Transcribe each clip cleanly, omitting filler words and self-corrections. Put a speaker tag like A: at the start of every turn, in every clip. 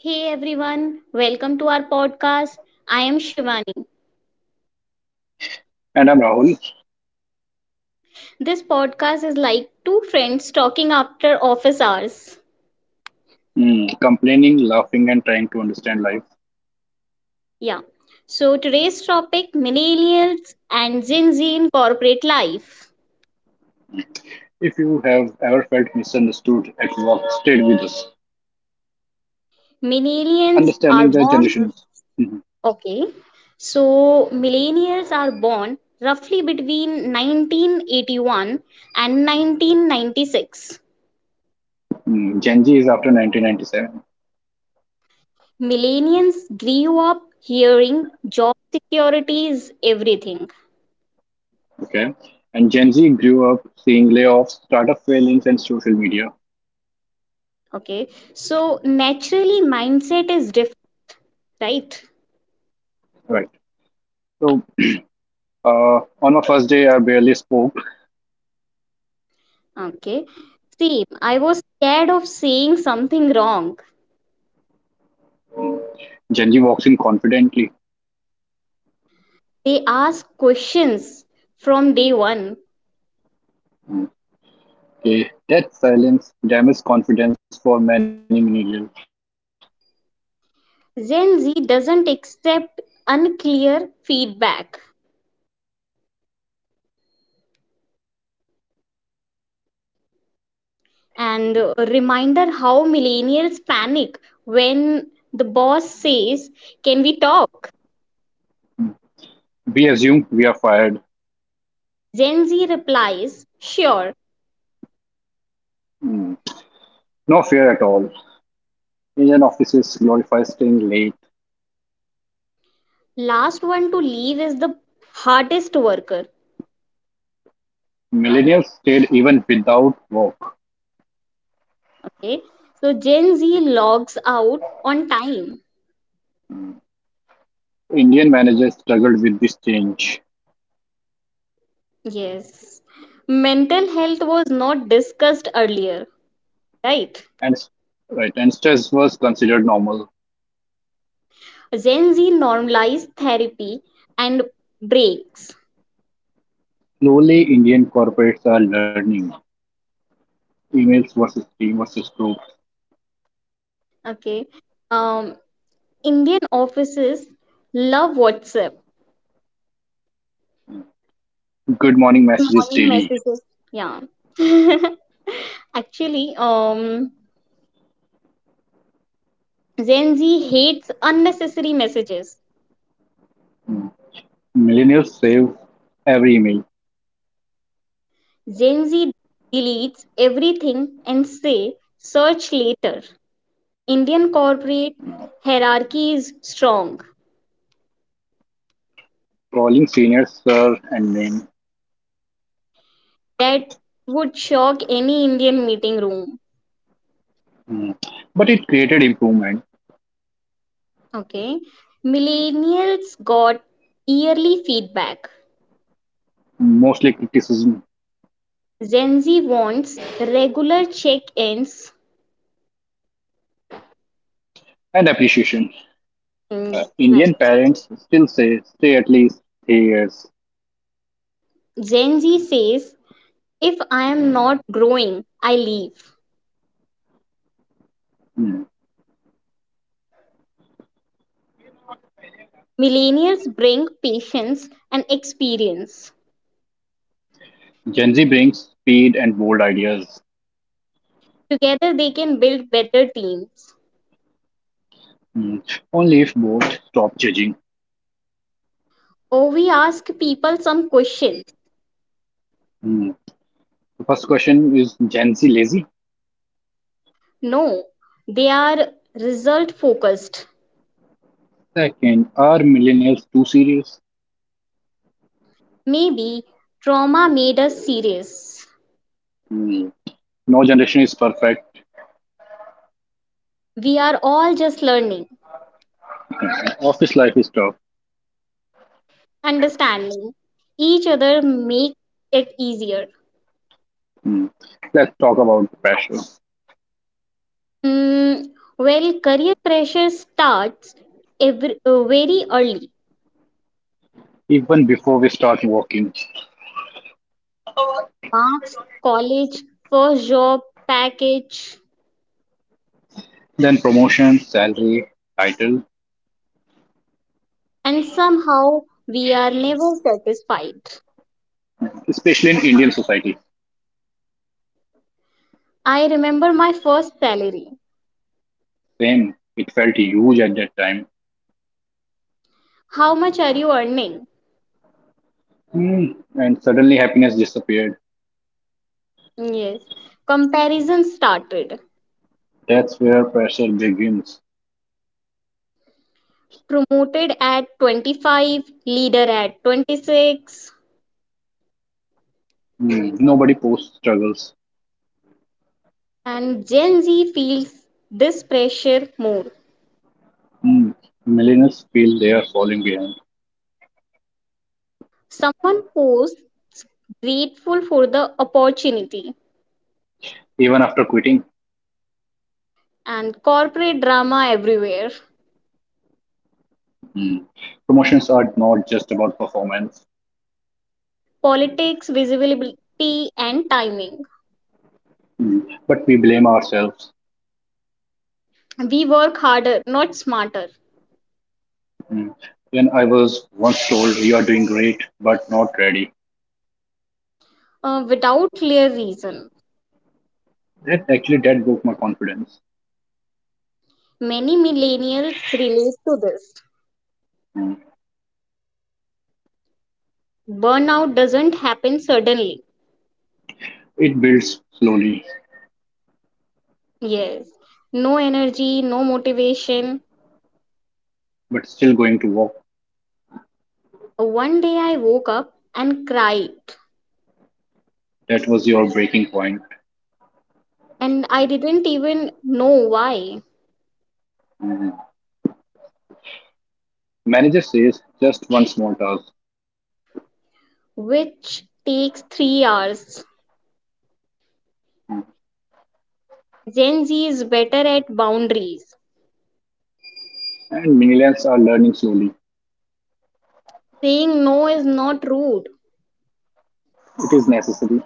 A: Hey everyone, welcome to our podcast. I am Shivani.
B: And I'm Rahul,
A: This podcast is like two friends talking after office hours.
B: complaining, laughing, and trying to understand life.
A: Yeah. So today's topic millennials and Gen Z in corporate life.
B: If you have ever felt misunderstood at work, stay with us.
A: Millennials are
B: Understanding the
A: born
B: generations. Mhm.
A: okay. So millennials are born roughly between 1981 and 1996.
B: Mm, Gen Z is after 1997.
A: Millennials grew up hearing job security is everything.
B: Okay. And Gen Z grew up seeing layoffs, startup failings, and social media.
A: Okay, so naturally, mindset is different, right?
B: Right. So, uh, on my first day, I barely spoke.
A: Okay, see, I was scared of saying something wrong.
B: Gen Z walks in confidently.
A: They ask questions from day one.
B: Okay. That silence damages confidence for many millennials.
A: Gen Z doesn't accept unclear feedback. And a reminder how millennials panic when the boss says, Can we talk?
B: We assume we are fired.
A: Gen Z replies, Sure.
B: Mm. No fear at all. Indian offices glorify staying late.
A: Last one to leave is the hardest worker.
B: Millennials stayed even without work.
A: Okay. So Gen Z logs out on time.
B: Indian managers struggled with this change,
A: Yes. Mental health was not discussed earlier, right?
B: and s- right, and stress was considered normal.
A: Gen Z normalized therapy and breaks.
B: Slowly, Indian corporates are learning emails versus team versus group,
A: Okay. Um, Indian offices love WhatsApp.
B: good morning messages daily.
A: Morning messages. Yeah. Actually, Gen Z hates unnecessary messages.
B: Millennials save every email,
A: Gen Z deletes everything and say search later. Indian corporate hierarchy is strong.
B: calling seniors sir and name.
A: That would shock any Indian meeting room.
B: Mm. But it created improvement,
A: Okay. Millennials got yearly feedback.
B: mostly criticism
A: Gen Z wants regular check ins.
B: and appreciation.
A: Right.
B: Indian parents still say stay at least 3 years.
A: Gen Z says, if I am not growing, I leave.
B: Mm.
A: Millennials bring patience and experience.
B: Gen Z brings speed and bold ideas.
A: Together, they can build better teams.
B: Mm. Only if both stop judging.
A: Or we ask people some question.
B: Mm. The first question is, Gen Z lazy?
A: No, they are result focused.
B: Second, are millennials too serious?
A: Maybe trauma made us serious.
B: Mm. No generation is perfect.
A: We are all just learning,
B: Office life is tough.
A: understanding each other make it easier.
B: Mm. Let's talk about pressure.
A: Mm, well, career pressure starts very early.
B: Even before we start working,
A: Marks, college, first job, package,
B: then promotion, salary, title,
A: and somehow we are never satisfied.
B: especially in Indian society.
A: I remember my first salary.
B: Same, it felt huge at that time.
A: How much are you earning?
B: Mm. And suddenly happiness disappeared.
A: Yes. Comparison started.
B: That's where pressure begins.
A: Promoted at 25, leader at 26,
B: Mm, nobody posts struggles.
A: and Gen Z feels this pressure more.
B: Mm, millennials feel they are falling behind,
A: Someone posts grateful for the opportunity,
B: even after quitting.
A: and corporate drama everywhere,
B: Mm. Promotions are not just about performance,
A: politics, visibility, and timing.
B: mm, but we blame ourselves.
A: We work harder, not smarter,
B: Mm. When I was once told you are doing great but not ready,
A: without clear reason.
B: that actually that broke my confidence.
A: Many millennials relate to this. Burnout doesn't happen suddenly.
B: It builds slowly,
A: Yes, no energy, no motivation.
B: but still going to work.
A: One day I woke up and cried,
B: That was your breaking point.
A: and I didn't even know why,
B: Mm. Manager says just one small task.
A: which takes 3 hours.
B: Mm.
A: Gen Z is better at boundaries.
B: And millennials are learning slowly.
A: Saying no is not rude,
B: It is necessary,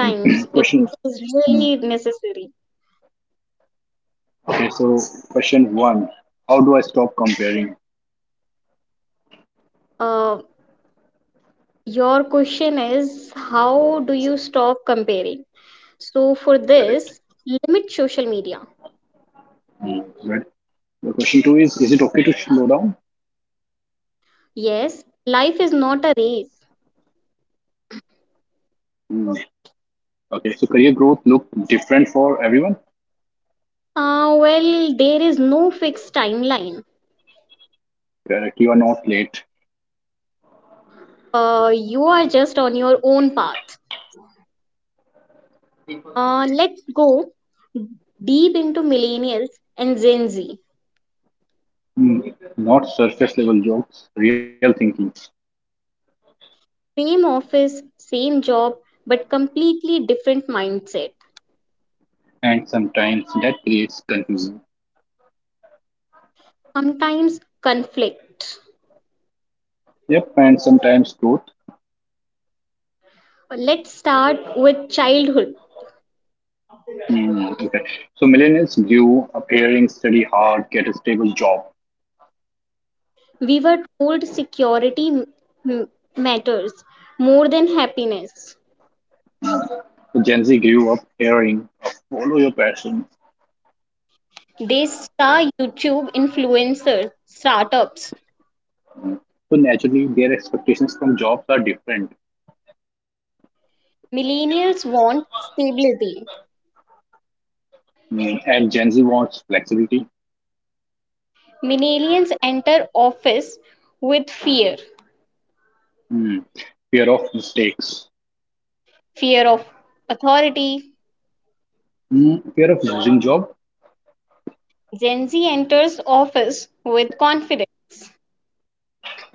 B: and
A: it
B: question.
A: is
B: Mm.
A: really necessary.
B: Okay, so question one, how do I stop comparing?
A: Uh, your question is how do you stop comparing? So, for
B: Correct.
A: this, limit social media.
B: Mm. Good. The question two is it okay to slow down?
A: Yes, life is not a race.
B: Mm. Okay, so career growth look different for everyone.
A: Well, there is no fixed timeline.
B: Correct. You are not late.
A: You are just on your own path. Let's go deep into millennials and Gen Z.
B: Mm. Not surface level jokes, real thinking.
A: Same office, same job, but completely different mindset.
B: And sometimes that creates confusion.
A: Sometimes conflict.
B: Yep, and sometimes growth.
A: Let's start with childhood.
B: Mm, okay. So millennials grew up hearing study hard, get a stable job.
A: We were told security matters more than happiness.
B: So Gen Z grew up hearing follow your passion.
A: They saw YouTube influencers, startups.
B: So naturally, their expectations from jobs are different.
A: Millennials want stability.
B: Mm, and Gen Z wants flexibility,
A: Millennials enter office with fear
B: mm, fear of mistakes,
A: fear of authority.
B: mm, fear of losing job.
A: Gen Z enters office with confidence.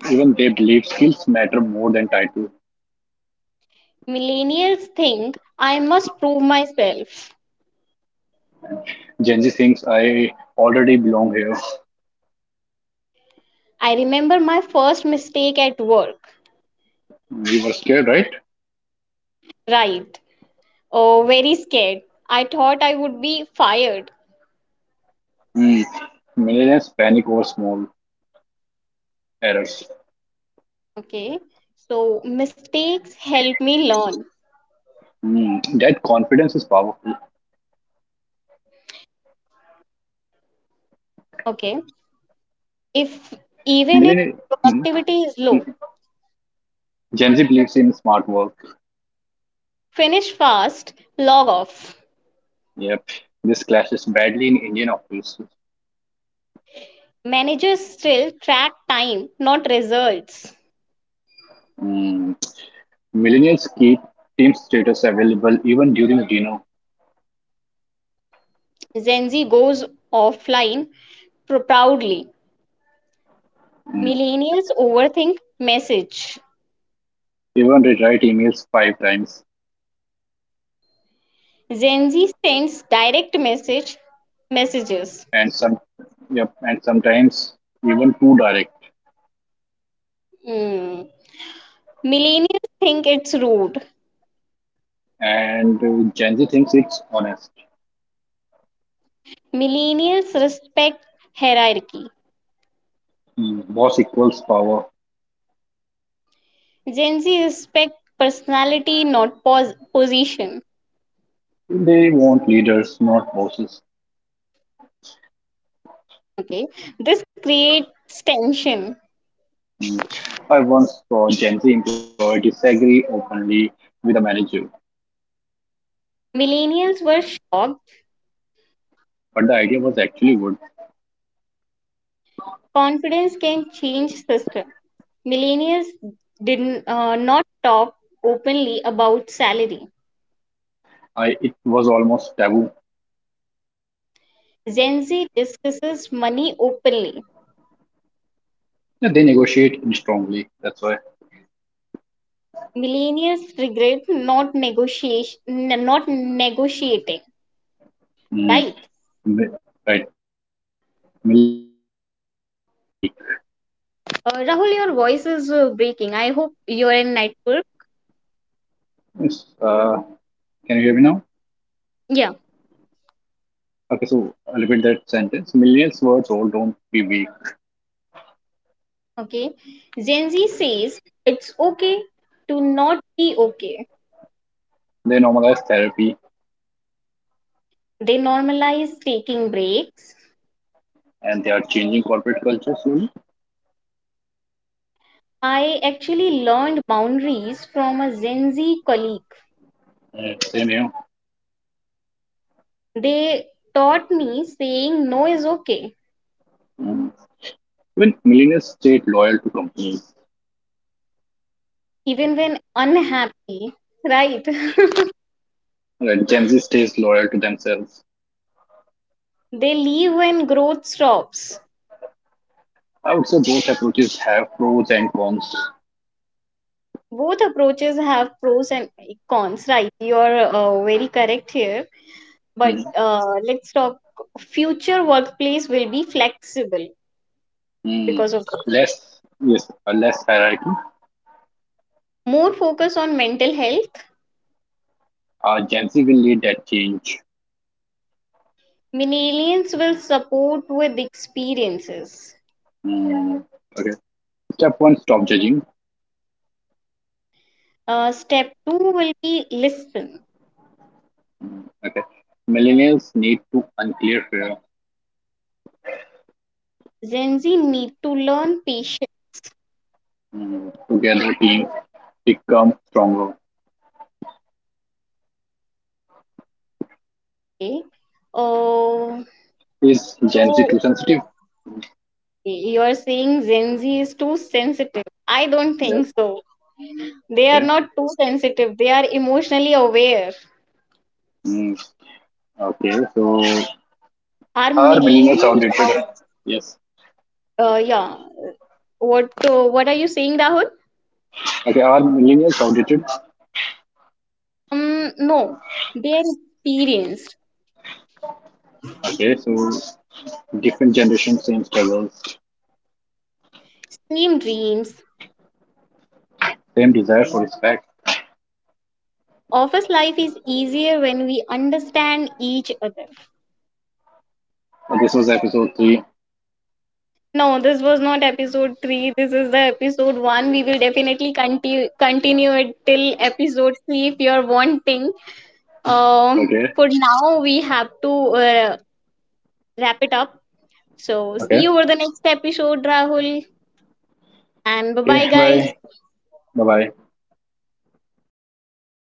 B: Even they believe skills matter more than title.
A: Millennials think I must prove myself.
B: Gen Z thinks I already belong here. Mm,
A: I remember my first mistake at work.
B: we were scared, right?
A: Right. Oh, very scared. I thought I would be fired.
B: Mm. Millennials panic over small errors.
A: Okay. So mistakes help me learn.
B: Mm. That confidence is powerful.
A: Okay. If even if
B: Millennial. Mm.
A: productivity is low,
B: Gen Z believes in smart work.
A: finish fast, log off.
B: Yep, this clashes badly in Indian offices.
A: Managers still track time, not results.
B: Mm, millennials keep team status available even during dinner,
A: Gen Z goes offline proudly.
B: mm,
A: Millennials overthink message.
B: even they write emails five times,
A: Gen Z sends direct messages.
B: and some, yep, and sometimes even too direct.
A: Hmm. Millennials think it's rude.
B: And Gen Z thinks it's honest.
A: Millennials respect hierarchy.
B: Mm, boss equals power.
A: Gen Z respect personality, not position.
B: They want leaders, not bosses.
A: Okay, this creates tension.
B: Mm. I once saw a Gen Z employee disagree openly with a manager,
A: Millennials were shocked.
B: but the idea was actually good.
A: Confidence can change system. Millennials did not talk openly about salary.
B: I it was almost taboo.
A: Gen Z discusses money openly.
B: Yeah, they negotiate strongly. That's why.
A: Millennials regret not negotiation, not negotiating.
B: Mm.
A: Right?
B: mi- Right. Millions were told, don't be weak.
A: Rahul, your voice is breaking. I hope you're in network.
B: Yes. Can you hear me now?
A: Yeah.
B: Okay, so I'll repeat that sentence. Millions were told, don't be weak.
A: Okay. Gen Z says it's okay to not be okay.
B: They normalize therapy
A: They normalize taking breaks.
B: and they are changing corporate culture slowly.
A: I actually learned boundaries from a Gen Z colleague.
B: And same here.
A: They taught me saying no is okay,
B: Mm. Even millennials stayed loyal to companies,
A: even when unhappy, right?
B: right? Gen Z stays loyal to themselves.
A: They leave when growth stops.
B: I would say both approaches have pros and cons.
A: Both approaches have pros and cons, right? You're very correct here.
B: Mm.
A: But let's talk. Future workplace will be flexible
B: Mm.
A: because of this.
B: Less, yes, less hierarchy.
A: More focus on mental health.
B: Gen Z will lead that change.
A: Millennials will support with experiences.
B: Mm. Okay. Step one, stop judging.
A: Step two will be listen.
B: Okay. Millennials need to unclear fear.
A: Gen Z need to learn patiently.
B: Mm, together teams become stronger.
A: Oh,
B: Is Gen Z
A: so
B: too sensitive?
A: you're saying Gen Z is too sensitive? I don't
B: Yes.
A: think so. They are
B: Okay.
A: not too sensitive. They are emotionally aware.
B: Mm, okay. So
A: Are
B: are millennials
A: millennials
B: outdated?
A: out?
B: Yes.
A: Yeah. What are you saying, Rahul?
B: Okay. Are millennials outdated?
A: No. They are experienced.
B: Okay. So different generations, same struggles,
A: Same dreams.
B: same desire for respect.
A: Office life is easier when we understand each other.
B: And this was episode three.
A: No, this was not episode 3. This is the episode 1. We will definitely continue it till episode 3 if you're wanting.
B: Okay.
A: For now, we have to wrap it up. So, see
B: Okay.
A: you for the next episode, Rahul. And bye
B: Okay.
A: bye, guys.
B: Bye. Bye. Bye.